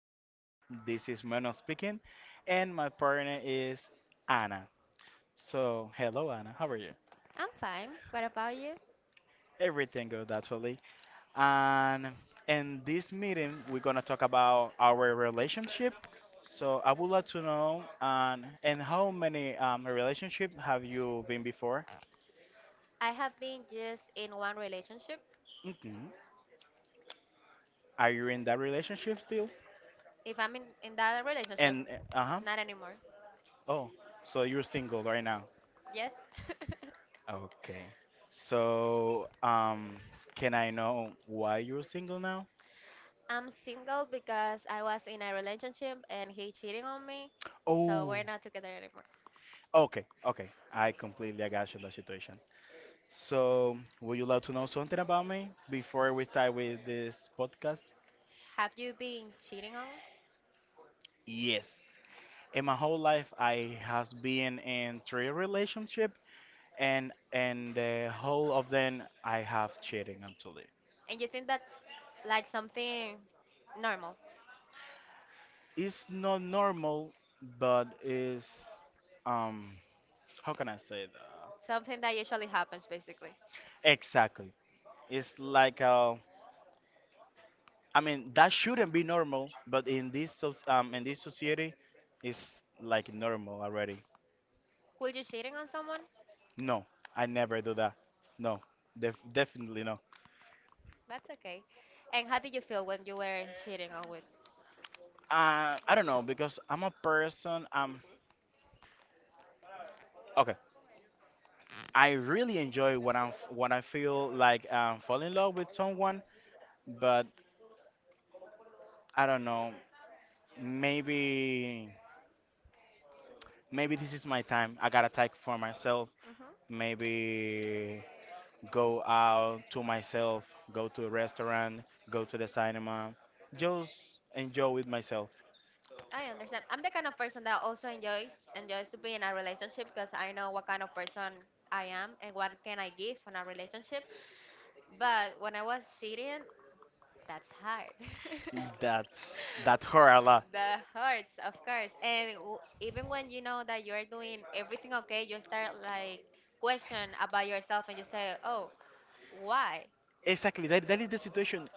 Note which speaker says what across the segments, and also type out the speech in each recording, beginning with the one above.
Speaker 1: podcast. This is Mano speaking, and my partner is Anna. So, hello, Anna, how are you?
Speaker 2: I'm fine. What about you?
Speaker 1: Everything good, actually. And in this meeting, we're gonna talk about our relationship. So, I would like to know, and how many relationship have you been before?
Speaker 2: I have been just in one relationship.
Speaker 1: hmm Are you in that relationship still?
Speaker 2: If I'm in that relationship,
Speaker 1: And uh huh.
Speaker 2: not anymore.
Speaker 1: Oh, so you're single right now?
Speaker 2: Yes.
Speaker 1: Okay. So, can I know why you're single now?
Speaker 2: I'm single because I was in a relationship and he cheating on me, so
Speaker 1: Oh,
Speaker 2: we're not together anymore.
Speaker 1: okay, okay. I got you the situation. So, would you love to know something about me before we start with this podcast?
Speaker 2: Have you been cheating on?
Speaker 1: Yes. In my whole life, I has been in three relationship, and the whole of them I have cheating actually.
Speaker 2: And you think that's like something normal,
Speaker 1: It's not normal, but it's um, how can I say that?
Speaker 2: something that usually happens basically.
Speaker 1: Exactly. It's like I mean that shouldn't be normal, but in this in this society, it's like normal already.
Speaker 2: Were you cheating on someone?
Speaker 1: No, I never do that. No, definitely no.
Speaker 2: That's okay. And how did you feel when you were cheating on with?
Speaker 1: I don't know because I'm a person. Okay, I really enjoy when when I feel like fall in love with someone, but I don't know. Maybe maybe this is my time. I gotta take for myself.
Speaker 2: hmm
Speaker 1: Maybe go out to myself, go to a restaurant, go to the cinema, just enjoy with myself.
Speaker 2: I understand. I'm the kind of person that also enjoys to be in a relationship because I know what kind of person I am and what can I give in a relationship. But when I was cheating, that's hard.
Speaker 1: That that hurt a lot.
Speaker 2: That hurts, of course. And even when you know that you're doing everything okay, you start like question about yourself and you say, "Oh, why?"
Speaker 1: Exactly, that is the situation.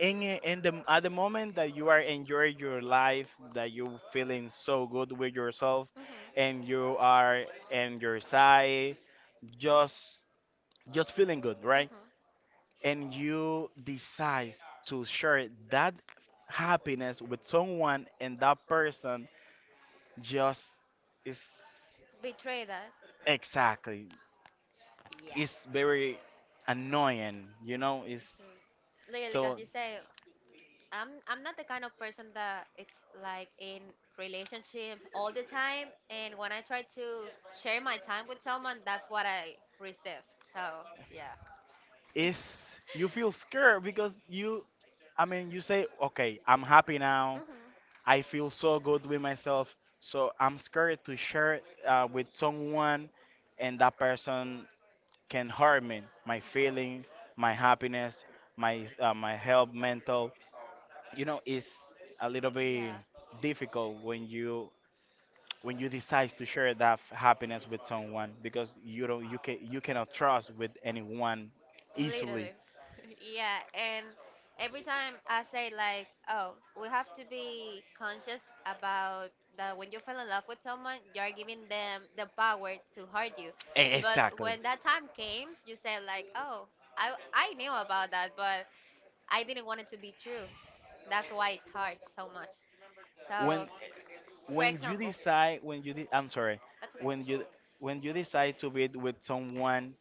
Speaker 1: In, a- in the at the moment that you are enjoying your life, that you feeling so good with yourself, and
Speaker 2: Mhm.
Speaker 1: you are and your side, just just feeling good, right?
Speaker 2: Mhm.
Speaker 1: And you decide to share that happiness with someone, and that person just it's
Speaker 2: Betray that.
Speaker 1: exactly.
Speaker 2: Yeah.
Speaker 1: It's very annoying, it's
Speaker 2: Mhm. Literally, because
Speaker 1: so
Speaker 2: you say, I'm not the kind of person that it's like in relationship all the time, and when I try to share my time with someone, that's what I receive. So yeah.
Speaker 1: it's, you feel scared because you I mean you say, okay, I'm happy now,
Speaker 2: Mhm.
Speaker 1: I feel so good with myself, so I'm scared to share, with someone, and that person can hurt me, my
Speaker 2: Mhm.
Speaker 1: feeling, my happiness, my my health mental, you know, it's a little bit
Speaker 2: Yeah.
Speaker 1: difficult when you decide to share that happiness with someone because you don't, you can, you cannot trust with anyone easily.
Speaker 2: Literally. Yeah, and every time I say like, oh, we have to be conscious about that when you fall in love with someone, you are giving them the power to hurt you. But
Speaker 1: Exactly.
Speaker 2: when that time came, you say like, oh, I knew about that, but I didn't want it to be true. That's why it hurts so much. So,
Speaker 1: when
Speaker 2: for
Speaker 1: when you
Speaker 2: example,
Speaker 1: decide when you de- I'm sorry.
Speaker 2: that's
Speaker 1: When you when you decide to be with someone,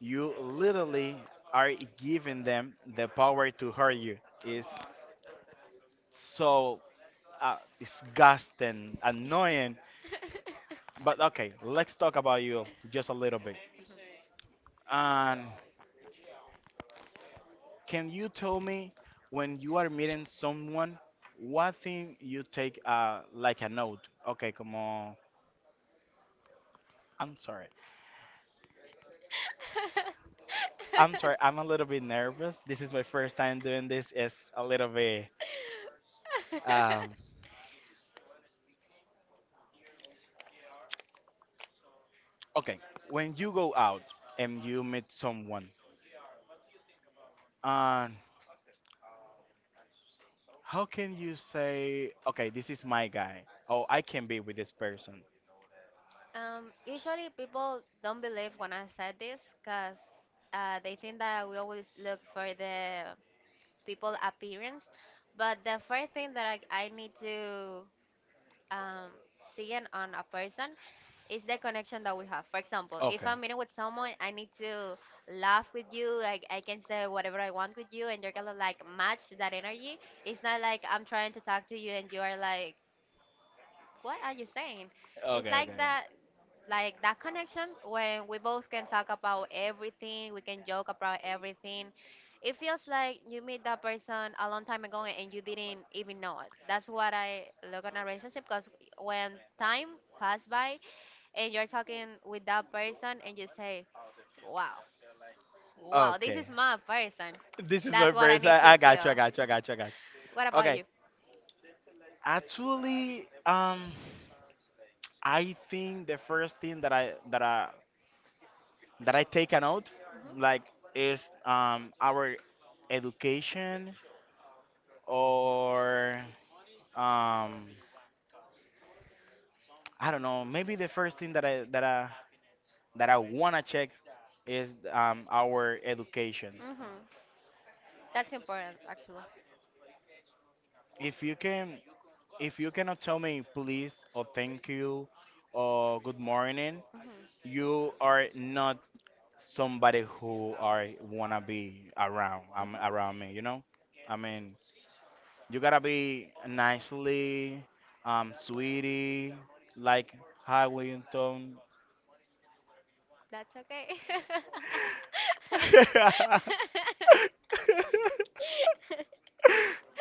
Speaker 1: you literally are giving them the power to hurt you. It's so disgusting, annoying. But okay, let's talk about you just a little bit. And can you tell me, when you are meeting someone, what thing you take, like a note? Okay, come on. I'm sorry. I'm sorry. I'm a little bit nervous. This is my first time doing this. It's a little bit.
Speaker 2: okay.
Speaker 1: Um, okay, when you go out and you meet someone, and how can you say, okay, this is my guy, oh, I can be with this person?
Speaker 2: Usually people don't believe when I said this because they think that we always look for the people appearance. But the first thing that I need to um, see in on a person is the connection that we have. For example, if
Speaker 1: Okay,
Speaker 2: I'm meeting with someone, I need to laugh with you. Like I can say whatever I want with you, and you're gonna like match that energy. It's not like I'm trying to talk to you and you are like what are you saying? It's
Speaker 1: okay,
Speaker 2: like
Speaker 1: okay,
Speaker 2: that connection when we both can talk about everything, we can joke about everything. It feels like you meet that person a long time ago and you didn't even know it. That's what I look on a relationship because when time pass by and you're talking with that person and you say, "Wow, wow, this is
Speaker 1: okay.
Speaker 2: my person."
Speaker 1: This is my
Speaker 2: That's what I
Speaker 1: first.
Speaker 2: need to
Speaker 1: I got you. I
Speaker 2: feel.
Speaker 1: got you. I got you. I got
Speaker 2: What
Speaker 1: you.
Speaker 2: about
Speaker 1: Okay.
Speaker 2: you?
Speaker 1: Actually, I think the first thing that I take a note, like, is our education, or um I don't know. Maybe the first thing that I wanna check is our education.
Speaker 2: Mhm. Mhm. That's important, actually.
Speaker 1: If you can, if you cannot tell me please or thank you or good morning,
Speaker 2: hmm
Speaker 1: you are not somebody who are wanna be around. I around
Speaker 2: hmm
Speaker 1: me. I mean, you gotta be nicely, sweetie, like, hi Wilton.
Speaker 2: That's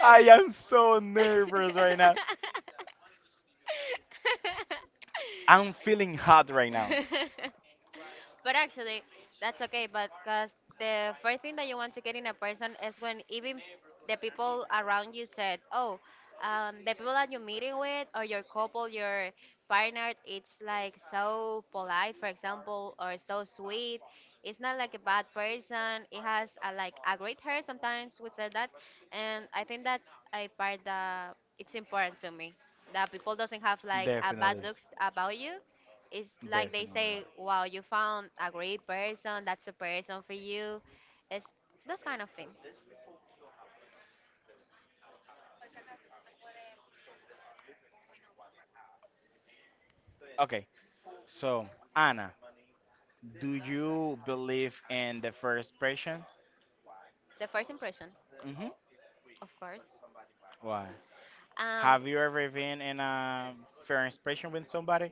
Speaker 1: I am so nervous right now. I'm feeling hot right now.
Speaker 2: okay. But actually, that's okay. But because the first thing that you want to get in a person is when even the people around you said, "Oh, the people that you're meeting with or your couple, your partner, it's like so polite, for example, or so sweet. It's not like a bad person. It has a, like a great hair. Sometimes we said that, and I think that's a part that it's important to me. That people doesn't have like a bad
Speaker 1: Definitely,
Speaker 2: look about you it's like they
Speaker 1: definitely.
Speaker 2: say, wow, you found a great person, that's the person for you. It's those kind of things.
Speaker 1: Okay, so, Anna, do you believe in the first impression?
Speaker 2: The first impression,
Speaker 1: hmm
Speaker 2: of course.
Speaker 1: Why?
Speaker 2: Um,
Speaker 1: Have you ever been in a first impression with somebody?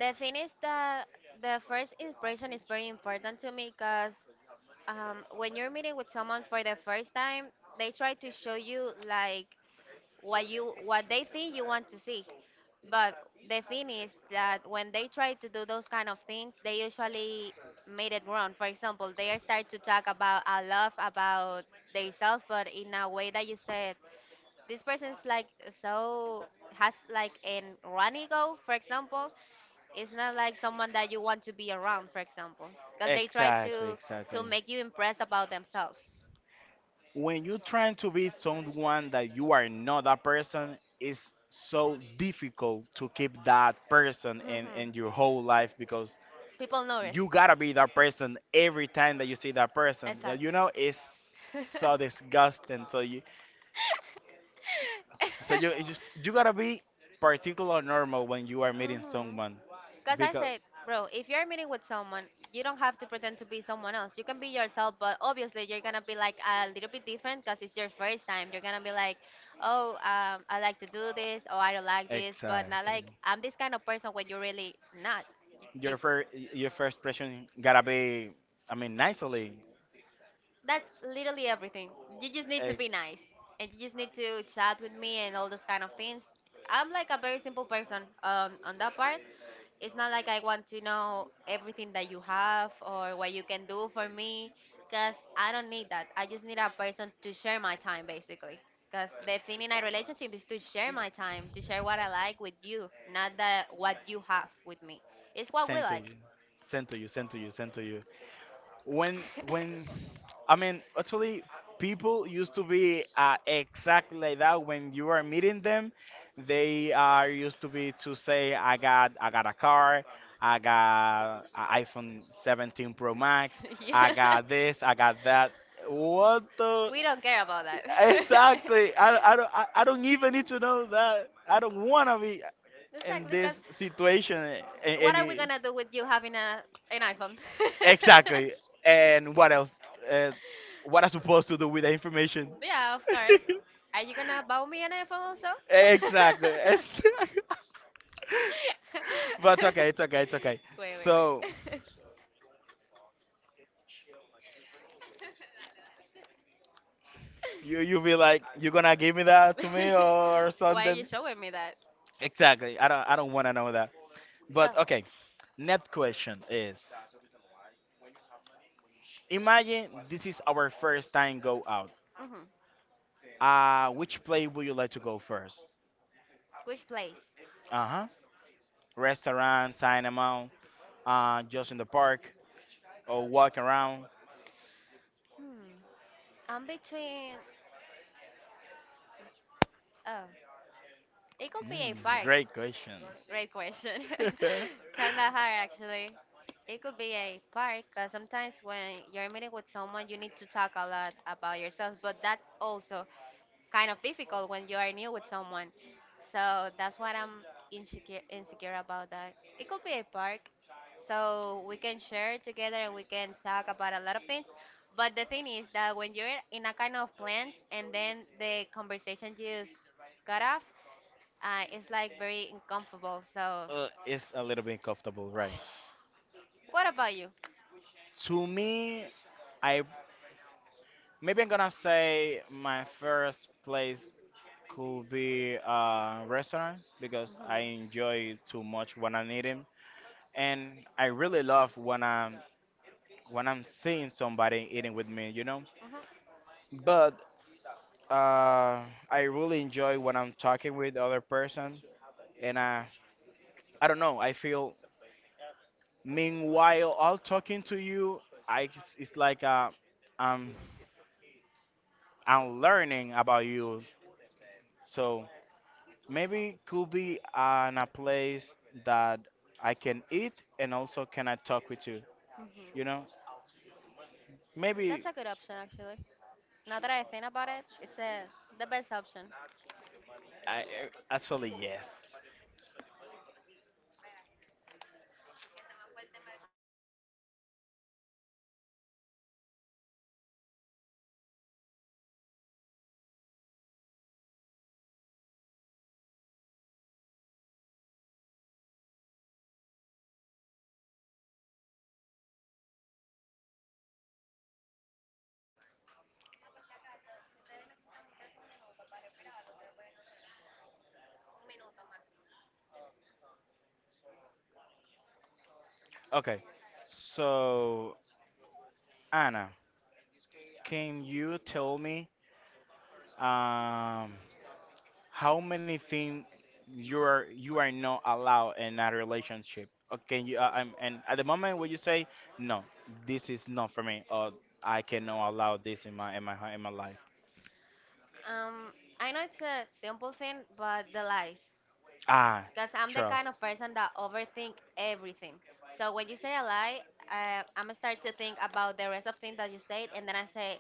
Speaker 2: the thing is that the first impression is very important to me because when you're meeting with someone for the first time, they try to show you like what you what they think you want to see. But the thing is that when they try to do those kind of things, they usually made it wrong. For example, they are start to talk about a lot about themselves, but in a way that you said this person's like so has like an run ego. For example, it's not like someone that you want to be around. For example, because they try
Speaker 1: Exactly,
Speaker 2: to
Speaker 1: exactly.
Speaker 2: to make you impressed about themselves.
Speaker 1: When you're trying to be someone that you are not that person, it's so difficult to keep that person in,
Speaker 2: Mhm.
Speaker 1: in your whole life because
Speaker 2: People notice.
Speaker 1: you gotta be that person every time that you see that person. Yeah,
Speaker 2: Exactly.
Speaker 1: it's so disgusting. So
Speaker 2: Mhm.
Speaker 1: So you just you gotta be particular normal when you are meeting someone
Speaker 2: Because I
Speaker 1: because,
Speaker 2: said, bro, if you're meeting with someone, you don't have to pretend to be someone else. You can be yourself, but obviously you're gonna be like a little bit different because it's your first time. You're gonna be like, oh, I like to do this, or I don't like this, but not
Speaker 1: exactly,
Speaker 2: like I'm this kind of person when you're really not. You,
Speaker 1: your first your first impression gotta be, I mean, nicely.
Speaker 2: that's literally everything. You just need to
Speaker 1: eh,
Speaker 2: be nice and you just need to chat with me and all those kind of things. I'm like a very simple person on that part. It's not like I want to know everything that you have or what you can do for me because I don't need that. I just need a person to share my time basically. Because the thing in a relationship is to share my time, to share what I like with you, not that what you have with me. It's what we
Speaker 1: sent to
Speaker 2: like.
Speaker 1: you sent to you sent to you sent to you When I mean, actually, people used to be, exactly like that, when you are meeting them. They are used to be to say, I got a car, I got a iPhone 17 Pro Max, I
Speaker 2: Yeah.
Speaker 1: got this, I got that, what the,
Speaker 2: We don't care about that.
Speaker 1: exactly. I don't even need to know that. I don't want to be in
Speaker 2: Exactly, because
Speaker 1: this situation, a-
Speaker 2: what are we
Speaker 1: any
Speaker 2: gonna do with you having a an iPhone?
Speaker 1: exactly. And what else? Uh, what I'm supposed to do with the information?
Speaker 2: Yeah, of course. Are you gonna buy me an iPhone also?
Speaker 1: Exactly. But it's okay. It's okay. It's okay.
Speaker 2: Wait,
Speaker 1: So
Speaker 2: wait,
Speaker 1: you be
Speaker 2: wait.
Speaker 1: like, you gonna give me that to me or
Speaker 2: Why are you
Speaker 1: something?
Speaker 2: showing me that?
Speaker 1: Exactly. I don't wanna know that.
Speaker 2: So,
Speaker 1: But okay. Next question is: imagine this is our first time go out.
Speaker 2: hmm
Speaker 1: Which place would you like to go first?
Speaker 2: which place?
Speaker 1: Uh huh. Restaurant, cinema, just in the park, or walk around.
Speaker 2: Hmm. I'm between. Oh, it could be a
Speaker 1: Mm,
Speaker 2: park.
Speaker 1: Great question.
Speaker 2: Great question. Kinda hard, actually. It could be a park, because sometimes when you're meeting with someone, you need to talk a lot about yourself, but that's also kind of difficult when you are new with someone. So that's what I'm insecure about that. It could be a park, so we can share together and we can talk about a lot of things but the thing is that when you're in a kind of plans and then the conversation just cut off it's like very uncomfortable so
Speaker 1: It's a little bit comfortable, right?
Speaker 2: what about you?
Speaker 1: To me, I maybe I'm gonna say my first place could be a restaurant because I enjoy too much when I'm eating, and I really love when I'm seeing somebody eating with me, you know.
Speaker 2: Mhm. Mhm.
Speaker 1: But uh, I really enjoy when I'm talking with other person, and I don't know. I feel, meanwhile I all talking to you, I it's like, I'm I'm learning about you. So maybe could be, in a place that I can eat and also can I talk with you. You know,
Speaker 2: Mhm.
Speaker 1: maybe
Speaker 2: That's a good option, actually. Now that I think about it, it's the best option.
Speaker 1: I-
Speaker 2: Yes.
Speaker 1: actually yes. Okay, so Anna, can you tell me, um how many things you are not allowed in a relationship? Or can you? And at the moment when you say no, this is not for me, or I cannot allow this in my life.
Speaker 2: Um, I know it's a simple thing, but the lies.
Speaker 1: Ah,
Speaker 2: Because I'm the
Speaker 1: trust.
Speaker 2: kind of person that overthink everything. So when you say a lie, I'm gonna start to think about the rest of things that you said, and then I say,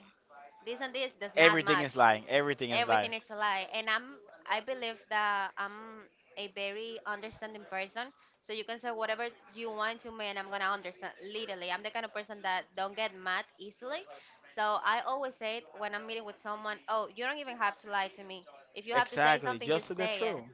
Speaker 2: this and this does not
Speaker 1: Everything is
Speaker 2: match.
Speaker 1: lying. Everything is lying.
Speaker 2: Everything is a lie and I believe that I'm a very understanding person so you can say whatever you want to me and I'm gonna understand literally I'm the kind of person that don't get mad easily so I always say it when I'm meeting with someone oh you don't even have to lie to me if you have to say
Speaker 1: Exactly,
Speaker 2: something
Speaker 1: just
Speaker 2: just
Speaker 1: the
Speaker 2: say
Speaker 1: truth.
Speaker 2: it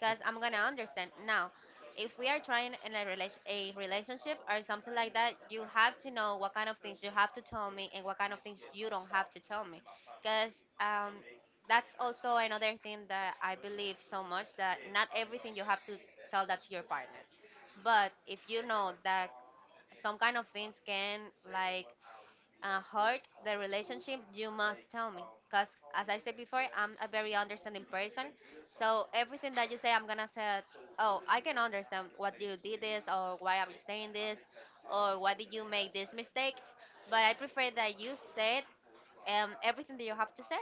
Speaker 2: because I'm gonna understand now. If we are trying in a relationship or something like that, you have to know what kind of things you have to tell me and what kind of things you don't have to tell me. Because um, that's also another thing that I believe so much that not everything you have to tell that to your partner. But if you know that some kind of things can like hurt the relationship, you must tell me. Because, as I said before, I'm a very understanding person. So, everything that you say, I'm going to say, oh, I can understand what you did this, or why are you saying this, or why did you make these mistakes. But I prefer that you said everything that you have to say.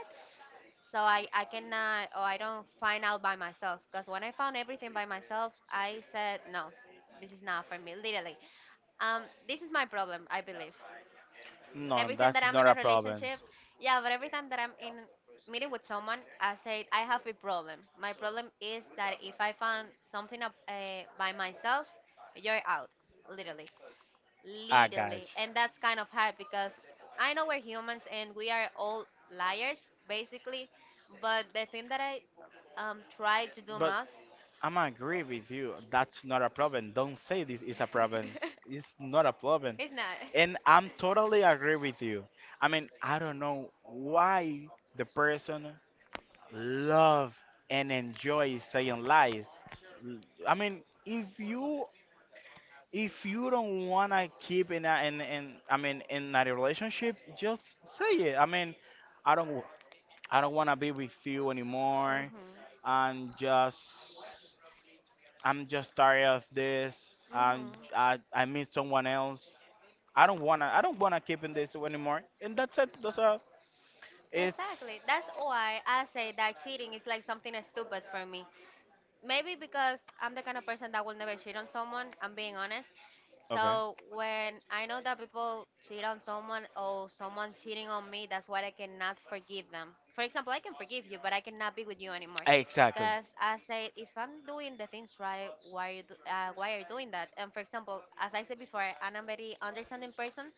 Speaker 2: So, I cannot, or I don't find out by myself. Because when I found everything by myself, I said, no, this is not for me, literally. This is my problem, I believe
Speaker 1: No,
Speaker 2: every time that
Speaker 1: that's
Speaker 2: I'm
Speaker 1: not
Speaker 2: in
Speaker 1: a
Speaker 2: a
Speaker 1: problem.
Speaker 2: relationship, yeah, but every time that I'm in meeting with someone, I said I have a problem. My problem is that if I found something up, by myself, you're out, literally,
Speaker 1: I got you.
Speaker 2: literally, and that's kind of hard because I know we're humans and we are all liars basically, but the thing that I try to do
Speaker 1: But
Speaker 2: most,
Speaker 1: I'm agree with you. That's not a problem. Don't say this is a problem. It's not a problem.
Speaker 2: it's not.
Speaker 1: And I'm totally agree with you. I mean, I don't know why the person love and enjoy saying lies. L- I mean, if you don't wanna keep in I mean in a relationship, just say it. I mean, I don't I don't wanna be with you anymore,
Speaker 2: Mhm.
Speaker 1: and just I'm just tired of this. I meet someone else.
Speaker 2: Mhm.
Speaker 1: I don't wanna keep in this anymore. And that's it. That's all. It's
Speaker 2: Exactly. That's why I say that cheating is like something stupid for me maybe because I'm the kind of person that will never cheat on someone, I'm being honest.
Speaker 1: okay.
Speaker 2: So when I know that people cheat on someone or someone cheating on me, that's why I cannot forgive them. For example, I can forgive you, but I cannot be with you anymore.
Speaker 1: Exactly.
Speaker 2: Because I said, if I'm doing the things right, why you do, why are you doing that? And for example, as I said before, I'm a very understanding person.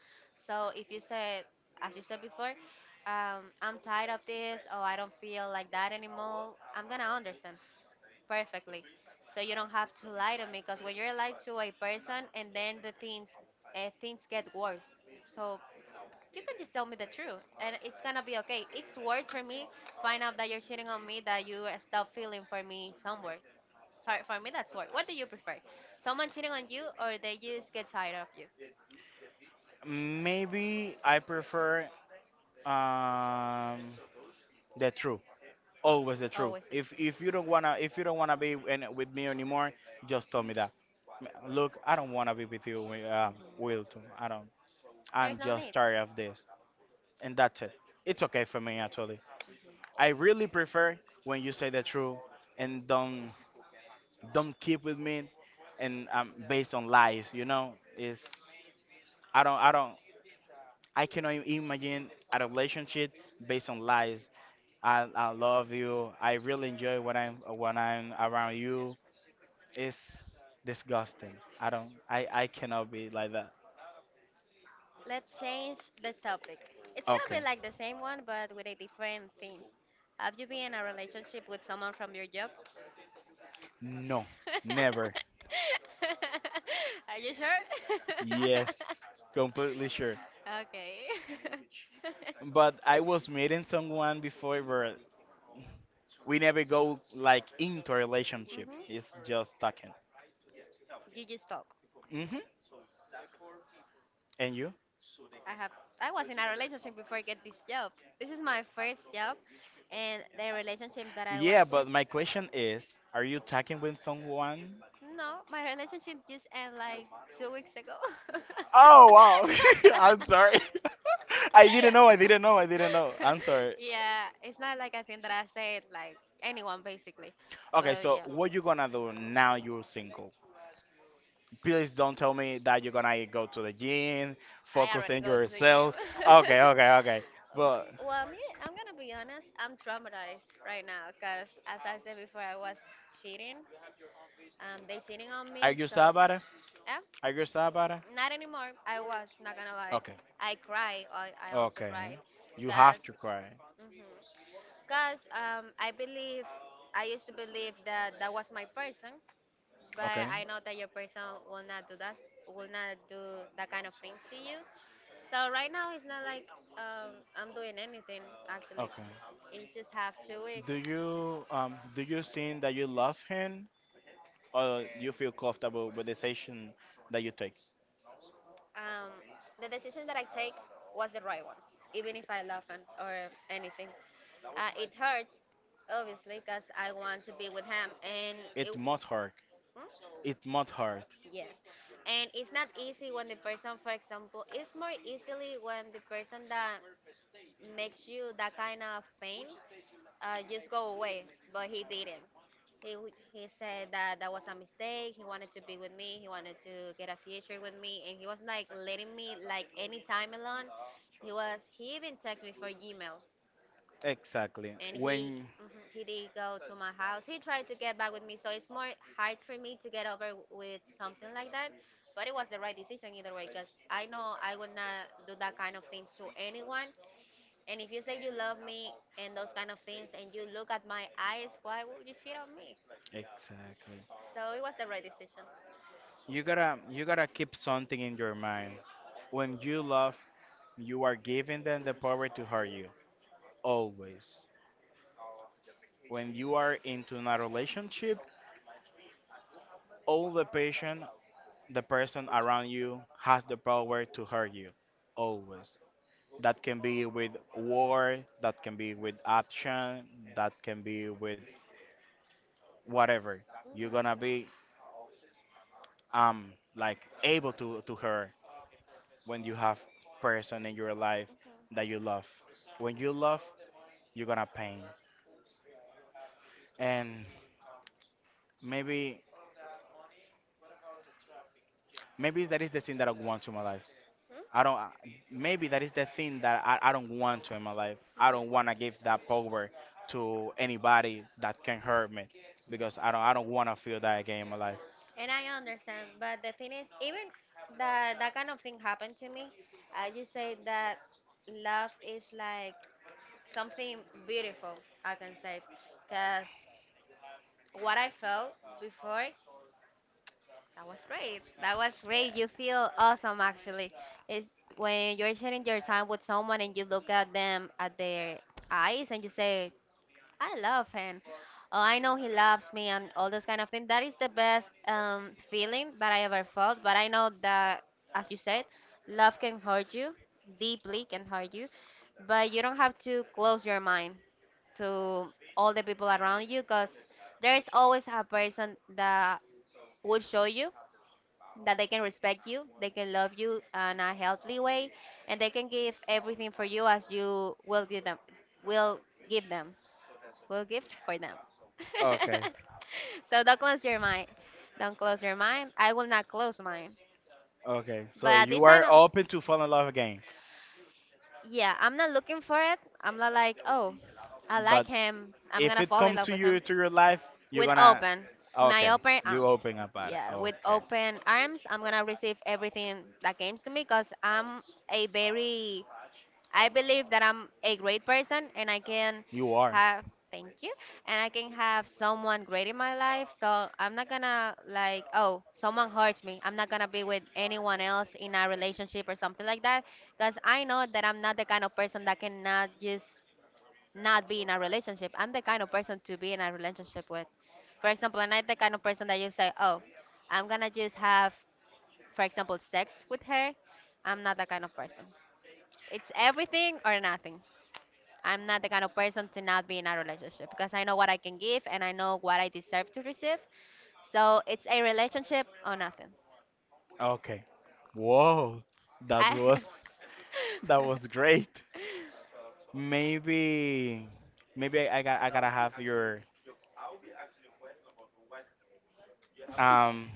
Speaker 2: So if you said, as you said before, I'm tired of this, or I don't feel like that anymore, I'm gonna understand perfectly. So you don't have to lie to me because when you're lying to a person and then the things things get worse. So you can just tell me the truth and it's gonna be okay. It's worse for me find out that you're cheating on me that you stop feeling for me somewhere. For me that's worse. What do you prefer? Someone cheating on you or they just get tired of you?
Speaker 1: Maybe I prefer, um the truth. Always the truth.
Speaker 2: Always the
Speaker 1: If
Speaker 2: truth.
Speaker 1: if you don't wanna if you don't wanna be in, with me anymore, just tell me that. M- Look, I don't wanna be with you,
Speaker 2: Hmm.
Speaker 1: Wilton. I don't.
Speaker 2: There's
Speaker 1: I'm
Speaker 2: no
Speaker 1: just
Speaker 2: need.
Speaker 1: tired of this, and that's it. It's okay for me actually. I really prefer when you say the truth and don't keep with me, and based on lies. You know, is I don't I don't I cannot imagine a relationship based on lies. I love you. I really enjoy when I'm around you. It's disgusting. I don't. I cannot be like that.
Speaker 2: Let's change the topic. It's gonna
Speaker 1: Okay.
Speaker 2: be like the same one, but with a different theme. Have you been in a relationship with someone from your job?
Speaker 1: No, never.
Speaker 2: Are you sure?
Speaker 1: Yes, completely sure.
Speaker 2: Okay.
Speaker 1: But I was meeting someone before where we never go like into a relationship.
Speaker 2: Mhm.
Speaker 1: It's just talking.
Speaker 2: You just talk.
Speaker 1: Mhm. And you?
Speaker 2: I have. I was in a relationship before I get this job. This is my first job, and the relationship that I was
Speaker 1: Yeah, but
Speaker 2: with.
Speaker 1: my question is, are you talking with someone.
Speaker 2: No, my relationship just ended like 2 weeks ago.
Speaker 1: Oh wow. I'm sorry. I didn't know. I didn't know. I didn't know. I'm sorry.
Speaker 2: Yeah, it's not like a thing that I said like anyone basically,
Speaker 1: Okay,
Speaker 2: but
Speaker 1: so
Speaker 2: yeah,
Speaker 1: what you gonna do now you're single? Please don't tell me that you're gonna go to the gym,
Speaker 2: I
Speaker 1: focus
Speaker 2: already
Speaker 1: on
Speaker 2: go to the gym.
Speaker 1: yourself. Okay, okay, okay.
Speaker 2: But,
Speaker 1: But
Speaker 2: well, me, I'm gonna be honest. I'm traumatized right now because, as I said before, I was cheating. They cheating on
Speaker 1: are
Speaker 2: me,
Speaker 1: you sad
Speaker 2: so
Speaker 1: about it?
Speaker 2: yeah,
Speaker 1: Are you sad about it?
Speaker 2: not anymore. I was not gonna lie.
Speaker 1: Okay,
Speaker 2: I cried. I also
Speaker 1: okay.
Speaker 2: cried,
Speaker 1: You have
Speaker 2: cause
Speaker 1: to cry.
Speaker 2: Because I believe, I used to believe that that was my person, but
Speaker 1: Okay.
Speaker 2: I know that your person will not do that, will not do that kind of thing to you. So right now it's not like I'm doing anything actually.
Speaker 1: Okay.
Speaker 2: It's just have 2 weeks.
Speaker 1: Do you think that you love him? Or you feel comfortable with the decision that you take.
Speaker 2: Um, the decision that I take was the right one, even if I love him or anything. It hurts, obviously, because I want to be with him, and it.
Speaker 1: It must hurt. It must hurt.
Speaker 2: Yes. And it's not easy when the person, for example, it's more easily when the person that makes you that kind of pain just go away, but he didn't. He said that that was a mistake. He wanted to be with me. He wanted to get a future with me, and he was like letting me like any time alone. He even texted me for Gmail,
Speaker 1: Exactly.
Speaker 2: and he
Speaker 1: When
Speaker 2: mhm, he did go to my house. He tried to get back with me, so it's more hard for me to get over with something like that. But it was the right decision either way, because I know I would not do that kind of thing to anyone. And if you say you love me and those kind of things, and you look at my eyes, why would you cheat on me?
Speaker 1: exactly.
Speaker 2: So it was the right decision.
Speaker 1: You gotta keep something in your mind. When you love, you are giving them the power to hurt you. Always. When you are into a relationship, all the patient the person around you has the power to hurt you. Always. That can be with war. That can be with action, that can be with whatever. You're gonna
Speaker 2: Mhm.
Speaker 1: be like able to her When you have person in your life
Speaker 2: Mhm.
Speaker 1: that you love, when you love, you're gonna pain. And maybe, maybe that is the thing that I want to my life.
Speaker 2: Mhm.
Speaker 1: I don't I- Maybe that is the thing that I don't want to in my life. I don't want to give that power to anybody that can hurt me, because I don't want to feel that again in my life.
Speaker 2: And I understand, but the thing is, even that that kind of thing happened to me, I just say that love is like something beautiful, I can say, because what I felt before, that was great. That was great. You feel awesome actually. It's when you're sharing your time with someone and you look at them at their eyes and you say, "I love him. Oh, I know he loves me," and all those kind of things, that is the best feeling that I ever felt. But I know that, as you said, love can hurt you deeply, can hurt you, but you don't have to close your mind to all the people around you, because there's always a person that will show you that they can respect you, they can love you in a healthy way, and they can give everything for you as you will give them, will give them, will give for them.
Speaker 1: Okay.
Speaker 2: So don't close your mind. Don't close your mind. I will not close mine.
Speaker 1: Okay,
Speaker 2: But
Speaker 1: so
Speaker 2: at this
Speaker 1: you
Speaker 2: time,
Speaker 1: are
Speaker 2: I'm,
Speaker 1: open to fall in love again?
Speaker 2: yeah, I'm not looking for it. I'm not like, "Oh, I like
Speaker 1: But
Speaker 2: him. I'm
Speaker 1: if
Speaker 2: gonna
Speaker 1: it
Speaker 2: fall in
Speaker 1: come
Speaker 2: love
Speaker 1: to
Speaker 2: with
Speaker 1: you
Speaker 2: him."
Speaker 1: to your life, you're
Speaker 2: With
Speaker 1: gonna.
Speaker 2: open, my
Speaker 1: Okay.
Speaker 2: open arm,
Speaker 1: You open up about it,
Speaker 2: yeah, with
Speaker 1: okay.
Speaker 2: open arms, I'm gonna receive everything that comes to me, because I'm a very I believe that I'm a great person and I can
Speaker 1: You are.
Speaker 2: have. Thank you. And I can have someone great in my life, so I'm not gonna like, "Oh, someone hurts me, I'm not gonna be with anyone else in a relationship," or something like that. Because I know that I'm not the kind of person that cannot just not be in a relationship. I'm the kind of person to be in a relationship with. For example, and I'm the kind of person that you say, "Oh, I'm gonna just have, for example, sex with her." I'm not that kind of person. It's everything or nothing. I'm not the kind of person to not be in a relationship, because I know what I can give and I know what I deserve to receive. So it's a relationship or nothing.
Speaker 1: Okay. Whoa, that
Speaker 2: I.
Speaker 1: was that was great. Maybe, maybe I got I gotta have your um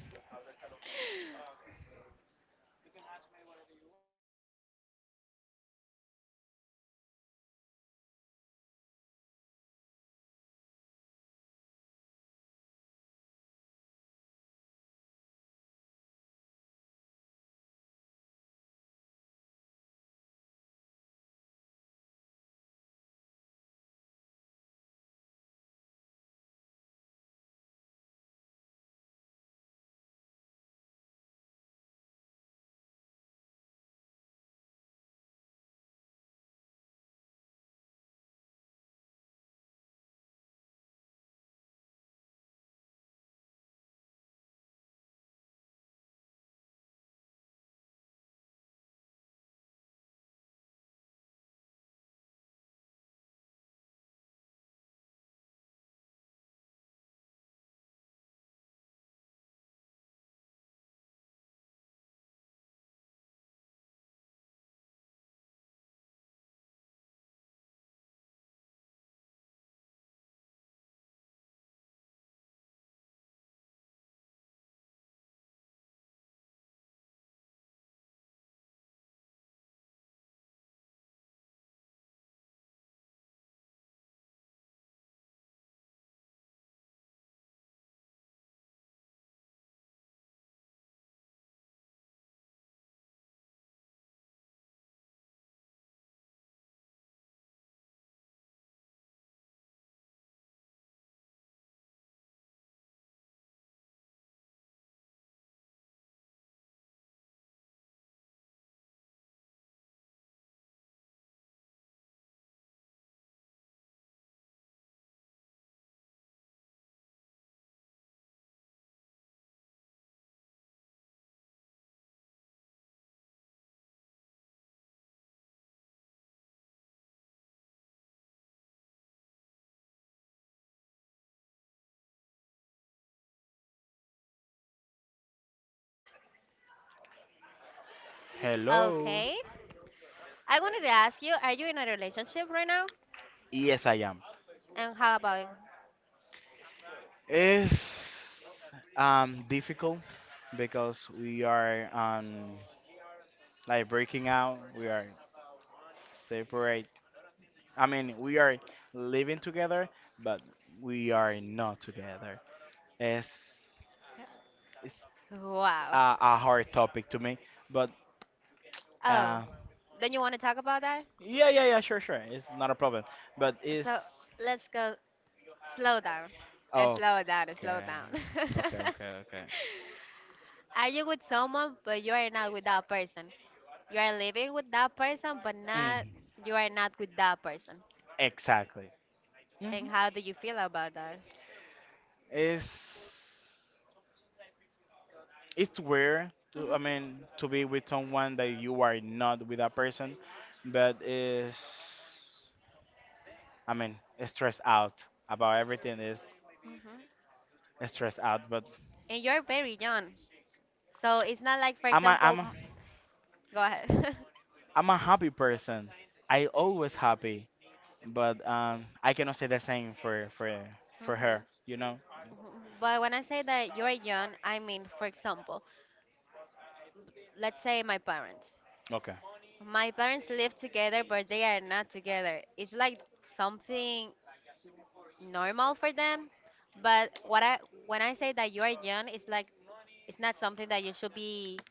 Speaker 1: hello.
Speaker 2: Okay. I wanted to ask you, are you in a relationship right now?
Speaker 1: Yes, I am.
Speaker 2: And how about.
Speaker 1: It's difficult, because we are like breaking out, we are separate. I mean, we are living together, but we are not together. It's it's
Speaker 2: Wow.
Speaker 1: a hard topic to me, but uh,
Speaker 2: Oh, then you want to talk about that?
Speaker 1: yeah, yeah, yeah, sure, sure, it's not a problem. But it's.
Speaker 2: So let's go, slow down.
Speaker 1: Oh,
Speaker 2: Slow down, slow
Speaker 1: okay,
Speaker 2: down.
Speaker 1: okay, okay, okay.
Speaker 2: Are you with someone, but you are not with that person? You are living with that person, but not,
Speaker 1: Mm,
Speaker 2: you are not with that person.
Speaker 1: exactly. Hmm.
Speaker 2: And how do you feel about that?
Speaker 1: It's it's weird to, I
Speaker 2: Hmm.
Speaker 1: mean, to be with someone that you are not with a person, but it's, I mean, stressed out about everything is
Speaker 2: Hmm.
Speaker 1: stressed out, but
Speaker 2: And you're very young, so it's not like, for
Speaker 1: I'm a,
Speaker 2: example,
Speaker 1: I'm a,
Speaker 2: go ahead.
Speaker 1: I'm a happy person. I always happy, but I cannot say the same for for
Speaker 2: Hmm.
Speaker 1: her, you know.
Speaker 2: But when I say that you're young, I mean, for example, let's say my parents.
Speaker 1: Okay,
Speaker 2: My parents live together, but they are not together. It's like something normal for them. But what I when I say that you are young, it's like it's not something that you should be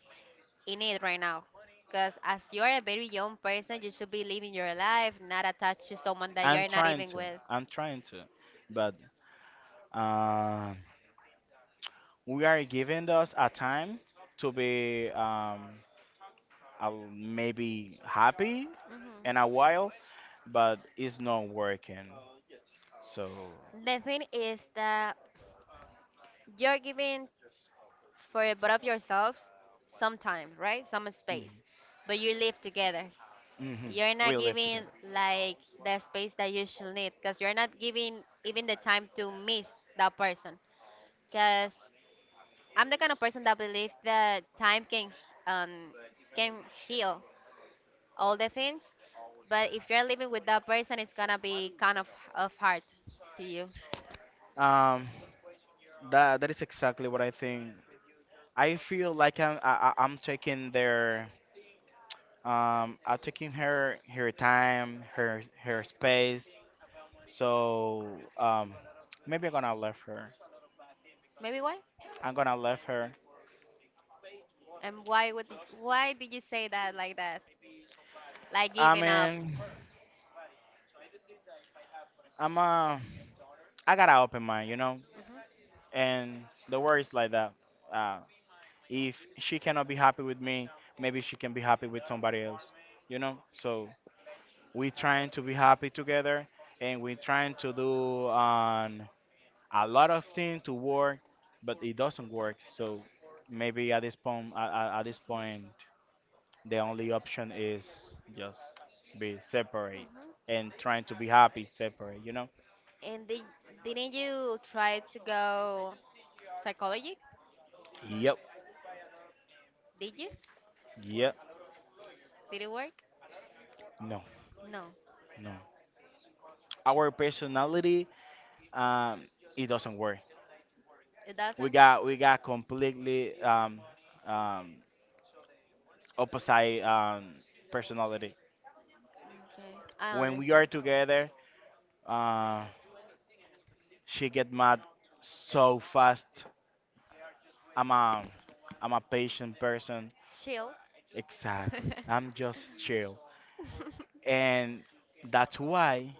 Speaker 2: in it right now. Because as you are a very young person, you should be living your life, not attached to someone that you
Speaker 1: I'm
Speaker 2: are not
Speaker 1: trying
Speaker 2: even
Speaker 1: to,
Speaker 2: with.
Speaker 1: I'm trying to, but um, we are giving us a time to be maybe happy in a
Speaker 2: Hmm.
Speaker 1: while, but it's not working. So.
Speaker 2: The thing is that you're giving, for both of yourselves, some time, right? Some space,
Speaker 1: Mm-hmm.
Speaker 2: but you live together.
Speaker 1: Hmm.
Speaker 2: You're
Speaker 1: We
Speaker 2: not
Speaker 1: live
Speaker 2: giving
Speaker 1: together.
Speaker 2: like the space that you should need, because you're not giving even the time to miss that person. Because I'm the kind of person that believes that time um can heal all the things, but if you're living with that person, it's gonna be kind of hard to you.
Speaker 1: Um, that, that is exactly what I think. I feel like I'm taking their I'm taking her time, her space. So maybe I'm gonna left her.
Speaker 2: Maybe why?
Speaker 1: I'm gonna left her.
Speaker 2: And why did you say that? Like
Speaker 1: I
Speaker 2: giving up.
Speaker 1: mean, I'm uh I got an open mind, you know.
Speaker 2: Hmm.
Speaker 1: And the word is like that. Uh, if she cannot be happy with me, maybe she can be happy with somebody else, you know. So we trying to be happy together, and we trying to do a lot of things to work, but it doesn't work. So maybe at this point, at this point, the only option is just be separate
Speaker 2: Hmm.
Speaker 1: and trying to be happy separate, you know.
Speaker 2: And didn't you try to go psychology?
Speaker 1: Yep.
Speaker 2: Did you?
Speaker 1: Yep.
Speaker 2: Did it work?
Speaker 1: No.
Speaker 2: No,
Speaker 1: No, our personality, um it doesn't work.
Speaker 2: it
Speaker 1: we
Speaker 2: doesn't.
Speaker 1: got we got completely um opposite personality.
Speaker 2: Okay, I
Speaker 1: When we are
Speaker 2: understand.
Speaker 1: together, Uh, she get mad so fast. I'm a I'm a patient person.
Speaker 2: Chill.
Speaker 1: Exactly. I'm just chill. And that's why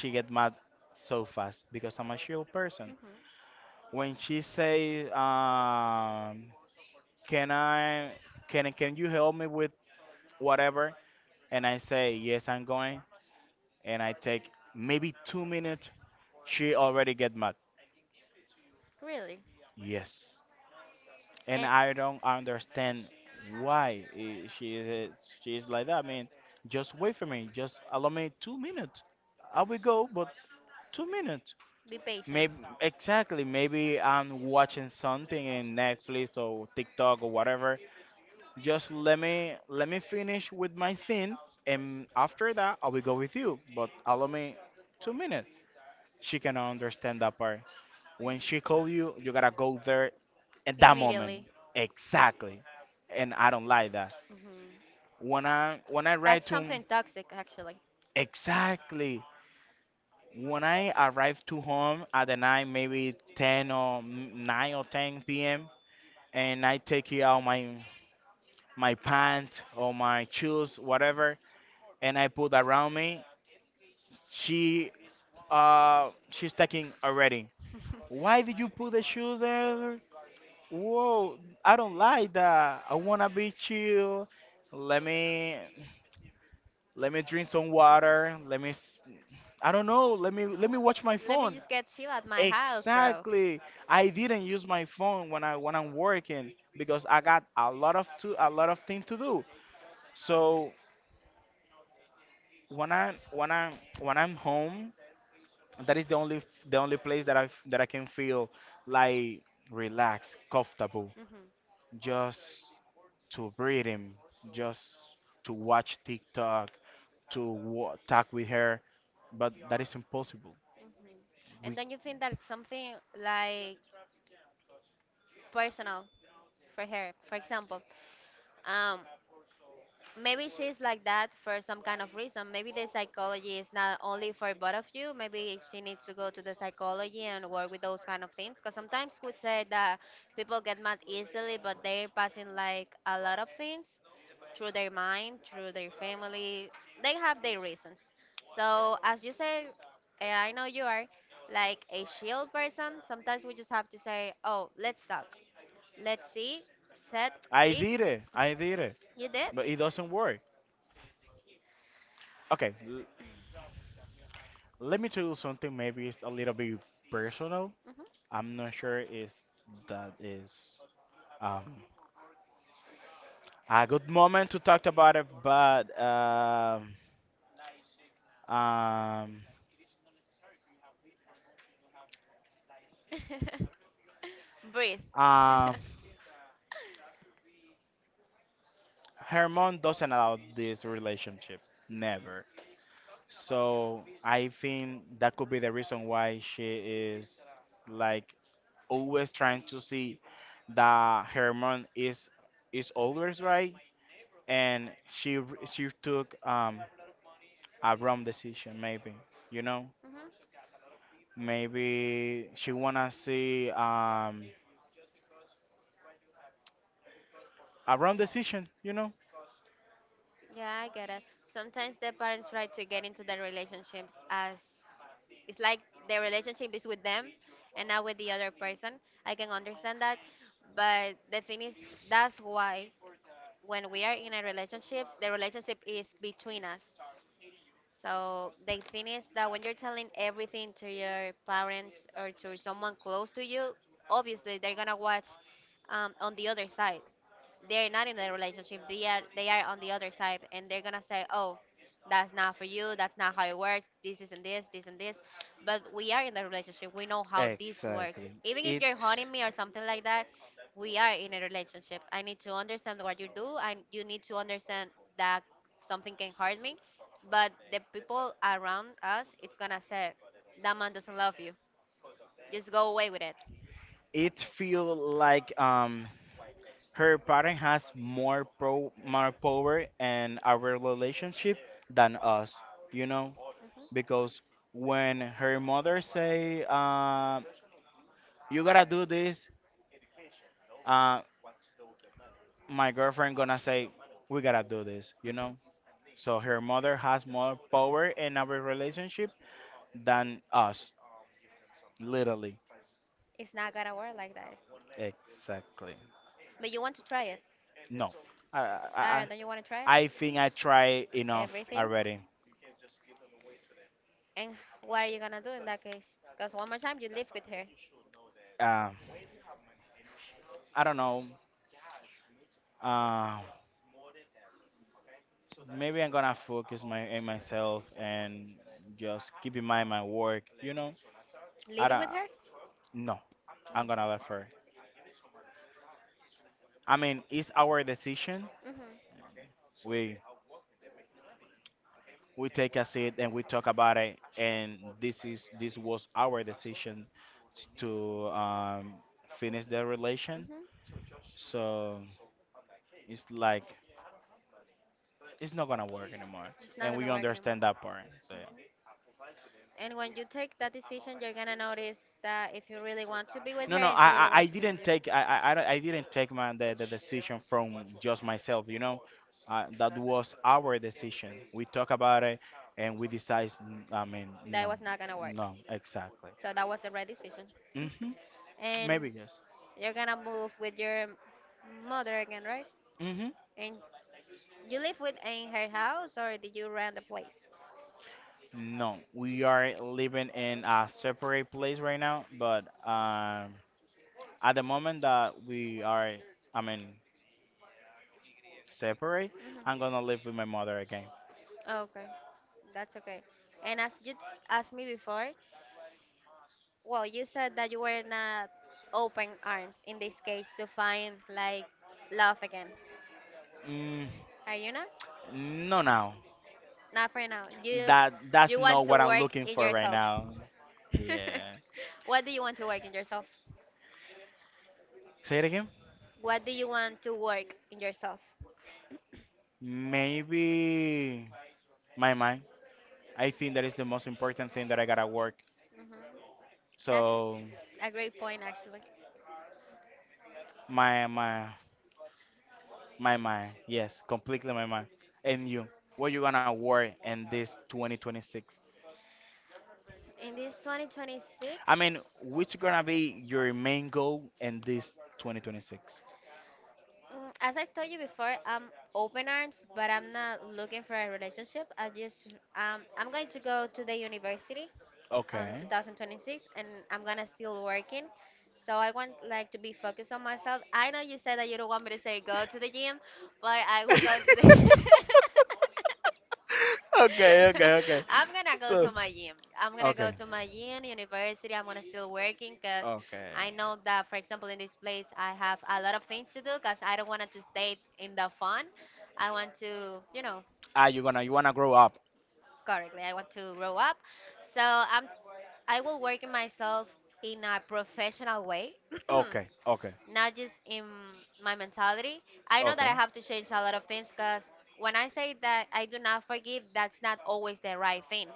Speaker 1: she get mad so fast, because I'm a chill person.
Speaker 2: Mhm.
Speaker 1: When she say, "Can I, can you help me with whatever?" and I say, "Yes, I'm going," and I take maybe 2 minutes, she already get mad.
Speaker 2: Really?
Speaker 1: Yes. And
Speaker 2: And
Speaker 1: I don't understand why she is, she is like that. I mean, just wait for me. Just allow me 2 minutes. I will go, but 2 minutes.
Speaker 2: be patient,
Speaker 1: Maybe, exactly. Maybe I'm watching something in Netflix or TikTok or whatever. Just let me, finish with my thing, and after that I will go with you. But allow me 2 minutes. She cannot understand that part. When she call you, you gotta go there at that moment.
Speaker 2: immediately.
Speaker 1: Exactly. And I don't like that.
Speaker 2: Mhm.
Speaker 1: When I write
Speaker 2: That's
Speaker 1: to him,
Speaker 2: something toxic, actually.
Speaker 1: exactly. When I arrive to home at the night, maybe 10 or 9 or 10 p.m., and I take it out my, my pants or my shoes, whatever, and I put around me, she she's taking already. Why did you put the shoes there? Whoa, I don't like that. I wanna be chill. Let me, drink some water. Let me I don't know. Let me, watch my
Speaker 2: Let me
Speaker 1: phone.
Speaker 2: just get chill at my house, bro.
Speaker 1: Exactly. I didn't use my phone when I'm working, because I got a lot of to a lot of things to do. So when I'm home, that is the only, the only place that I can feel like relaxed, comfortable.
Speaker 2: Mhm.
Speaker 1: Just to breathe him, just to watch TikTok, to talk with her, but that is impossible.
Speaker 2: Mhm. And
Speaker 1: We,
Speaker 2: don't you think that it's something like personal for her? For example, um, maybe she's like that for some kind of reason. Maybe the psychology is not only for both of you. Maybe she needs to go to the psychology and work with those kind of things. Because sometimes could say that people get mad easily, but they're passing like a lot of things through their mind, through their family. They have their reasons. So as you say, and I know you are like a shield person, sometimes we just have to say, "Oh, let's talk. Let's see, set, sit."
Speaker 1: I did it,
Speaker 2: You did
Speaker 1: but
Speaker 2: it.
Speaker 1: it doesn't work. Okay, let me tell you something. Maybe it's a little bit personal. I'm not sure if that is um, a good moment to talk about it, but um,
Speaker 2: Breathe.
Speaker 1: um,
Speaker 2: Mhm.
Speaker 1: her mom doesn't allow this relationship. Never. So I think that could be the reason why she is like always trying to see that her mom is always right, and she she took a wrong decision maybe. You know, maybe she wanna see a wrong decision. You know.
Speaker 2: Yeah, I get it. Sometimes the parents try to get into the relationships as it's like the relationship is with them and not with the other person. I can understand that, but the thing is, that's why, when we are in a relationship, the relationship is between us. So the thing is that when you're telling everything to your parents or to someone close to you, obviously they're gonna watch, on the other side, they're not in a relationship, they are, they are on the other side, and they're gonna say, "Oh, that's not for you, that's not how it works, this isn't this, this and this." But we are in the relationship, we know how this works,
Speaker 1: Exactly.
Speaker 2: even if
Speaker 1: It
Speaker 2: you're haunting me or something like that. We are in a relationship, I need to understand what you do, and you need to understand that something can hurt me, but the people around us, it's gonna say that man doesn't love you, just go away with it.
Speaker 1: it feel like her parent has more pro more power in our relationship than us, you know, because when her mother say, "You gotta do this," uh, my girlfriend gonna say, "We gotta do this," you know.
Speaker 2: Hmm.
Speaker 1: So her mother has more power in our relationship than us, literally.
Speaker 2: It's not gonna work like that.
Speaker 1: Exactly.
Speaker 2: But you want to try it.
Speaker 1: No, I.
Speaker 2: Don't you want to try it?
Speaker 1: I think I try enough
Speaker 2: Everything.
Speaker 1: already.
Speaker 2: And what are you gonna do in that case? Because, one more time, you live with her.
Speaker 1: Um, I don't know. Um, maybe I'm gonna focus my in myself and just keep in mind my work. You know, I
Speaker 2: Living
Speaker 1: don't.
Speaker 2: with her?
Speaker 1: No, I'm
Speaker 2: No.
Speaker 1: gonna let her. I mean, it's our decision.
Speaker 2: Mhm.
Speaker 1: We we take a seat and we talk about it. And this was our decision to finish the relation.
Speaker 2: Mhm.
Speaker 1: So it's like it's not gonna work anymore,
Speaker 2: It's not
Speaker 1: and we
Speaker 2: gonna work anymore.
Speaker 1: understand that part. So yeah.
Speaker 2: Mhm. And when you take that decision, you're gonna notice that if you really want to be with
Speaker 1: No,
Speaker 2: her
Speaker 1: no,
Speaker 2: and she really
Speaker 1: I
Speaker 2: want to be with
Speaker 1: didn't
Speaker 2: you,
Speaker 1: take, I don't- I didn't take my the decision from just myself. You know, that was our decision. We talk about it, and we decide. Mm, I mean,
Speaker 2: that
Speaker 1: no,
Speaker 2: was not gonna work.
Speaker 1: no, exactly.
Speaker 2: So that was the right decision.
Speaker 1: Hmm.
Speaker 2: And
Speaker 1: Maybe yes.
Speaker 2: you're gonna move with your mother again, right?
Speaker 1: Hmm.
Speaker 2: And you live with in her house, or did you rent the place?
Speaker 1: No, we are living in a separate place right now, but at the moment that we are, I mean, separate, I'm
Speaker 2: Hmm.
Speaker 1: gonna live with my mother again.
Speaker 2: Okay, that's okay. And as asked me before, well, you said that you were not open arms in this case to find like love again.
Speaker 1: Mm,
Speaker 2: Are you not?
Speaker 1: no, now.
Speaker 2: Not for now. You
Speaker 1: That,
Speaker 2: you
Speaker 1: that's
Speaker 2: want
Speaker 1: not
Speaker 2: to
Speaker 1: what I'm
Speaker 2: work
Speaker 1: looking
Speaker 2: in
Speaker 1: for right
Speaker 2: yourself.
Speaker 1: now. Yeah.
Speaker 2: What do you want to work in yourself?
Speaker 1: Say it again.
Speaker 2: What do you want to work in yourself?
Speaker 1: Maybe my mind. I think that is the most important thing that I gotta work.
Speaker 2: That's
Speaker 1: So
Speaker 2: a great point, actually.
Speaker 1: my my my mind. Yes, completely my mind. And you, what you gonna work in this 2026?
Speaker 2: In this 2026,
Speaker 1: I mean, which gonna be your main goal in this 2026?
Speaker 2: as I told you before, I'm open arms, but I'm not looking for a relationship. I'm going to go to the university on
Speaker 1: Okay.
Speaker 2: 2026, and I'm gonna still working. So I want like to be focused on myself. I know you said that you don't want me to say go to the gym, but I will go to the.
Speaker 1: Okay, okay, okay.
Speaker 2: I'm gonna go
Speaker 1: So,
Speaker 2: to my gym. I'm gonna go
Speaker 1: okay,
Speaker 2: to my gym, university. I'm gonna still working, because
Speaker 1: okay.
Speaker 2: I know that, for example, in this place, I have a lot of things to do because I don't want to stay in the fun. I want to,
Speaker 1: Ah, you gonna, you wanna grow up?
Speaker 2: correctly. I want to grow up. So I will work in myself in a professional way.
Speaker 1: Okay, okay,
Speaker 2: Not just in my mentality. I know that
Speaker 1: okay.
Speaker 2: I have to change a lot of things because when I say that I do not forgive, that's not always the right thing.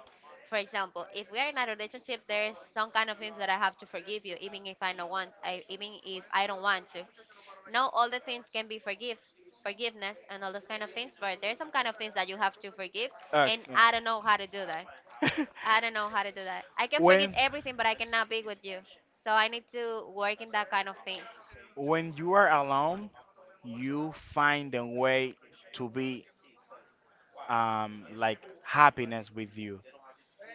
Speaker 2: For example, if we are in a relationship, there's some kind of things that I have to forgive you, even if I don't want, even if I don't want to. Not all the things can be forgive, forgiveness, and all those kind of things. But there's some kind of things that you have to forgive, and
Speaker 1: Okay.
Speaker 2: I don't know how to do that. I don't know how to do that. I can forget
Speaker 1: when
Speaker 2: everything, but I cannot be with you. So I need to work in that kind of things.
Speaker 1: when you are alone, you find a way to be like happiness with you.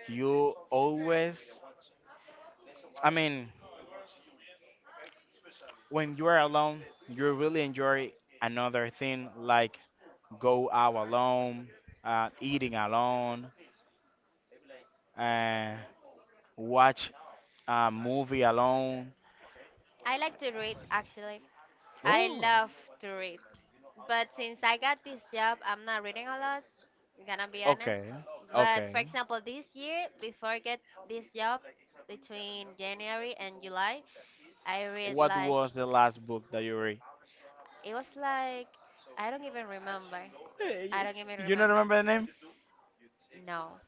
Speaker 1: You always, I mean, when you are alone, you really enjoy another thing like go out alone, eating alone, and watch a movie alone.
Speaker 2: I like to read actually. I love to read. But since I got this job, I'm not reading a lot, gonna be honest.
Speaker 1: Okay,
Speaker 2: But for
Speaker 1: okay.
Speaker 2: example, this year, before I get this job, between January and July, I read
Speaker 1: What
Speaker 2: like,
Speaker 1: was the last book that you read?
Speaker 2: it was like, I don't even remember.
Speaker 1: Eh,
Speaker 2: I
Speaker 1: y-
Speaker 2: don't even
Speaker 1: You don't
Speaker 2: remember.
Speaker 1: remember the name?
Speaker 2: No.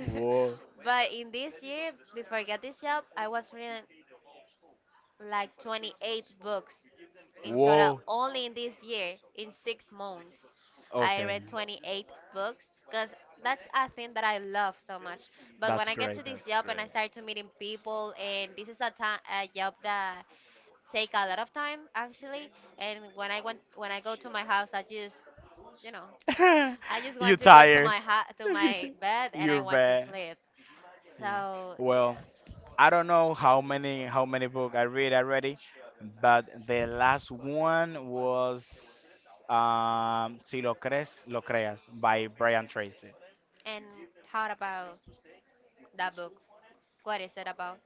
Speaker 1: Whoa,
Speaker 2: But in this year, before I got this job, I was reading like 28 books in total,
Speaker 1: whoa.
Speaker 2: only in this year, in 6 months I
Speaker 1: Okay,
Speaker 2: read 28 books, because that's a thing that I love so much. But when
Speaker 1: that's
Speaker 2: I get
Speaker 1: great.
Speaker 2: to this
Speaker 1: That's
Speaker 2: job and I start to meeting people, and this is a job that take a lot of time actually. And when I go to my house, you know
Speaker 1: great.
Speaker 2: I just
Speaker 1: You
Speaker 2: want to go to
Speaker 1: tired?
Speaker 2: to my bed and I
Speaker 1: You're
Speaker 2: want to
Speaker 1: bad.
Speaker 2: sleep.
Speaker 1: Yeah.
Speaker 2: So
Speaker 1: Well,
Speaker 2: yes.
Speaker 1: I don't know how many book I read already, but the last one was Si lo crees, lo creas by Brian Tracy.
Speaker 2: And how about that book? What is it about?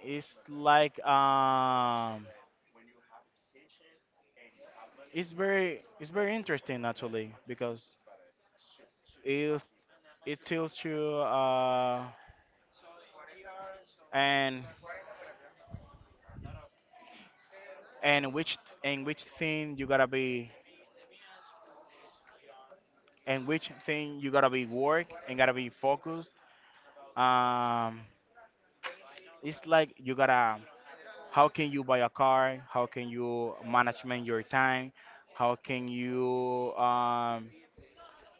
Speaker 1: It's like it's very, it's very interesting actually, because it it tells you, and and which and which thing you gotta be, work and gotta be focused. Um, it's like you gotta, how can you buy a car, how can you management your time, how can you um,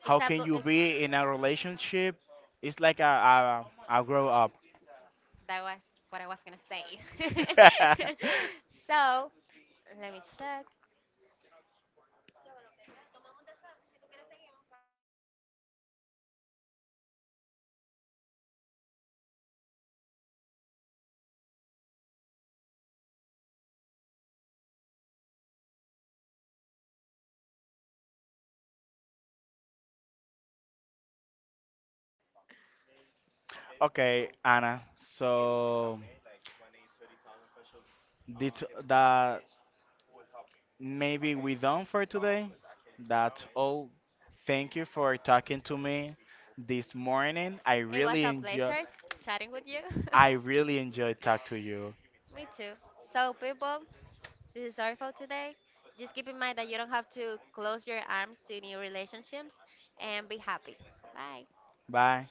Speaker 1: how
Speaker 2: It's a
Speaker 1: can
Speaker 2: bu-
Speaker 1: you
Speaker 2: it's-
Speaker 1: be in a relationship. It's like a grow up.
Speaker 2: That was what I was gonna say. So let me check.
Speaker 1: Okay, Anna, so did that, maybe we done for today. That's all. Thank you for talking to me this morning. I
Speaker 2: It was
Speaker 1: really
Speaker 2: a
Speaker 1: enjoy.
Speaker 2: pleasure chatting with you.
Speaker 1: I really enjoy talk to you.
Speaker 2: Me too. So people, this is all for today. Just keep in mind that you don't have to close your arms to new relationships and be happy. Bye.
Speaker 1: Bye.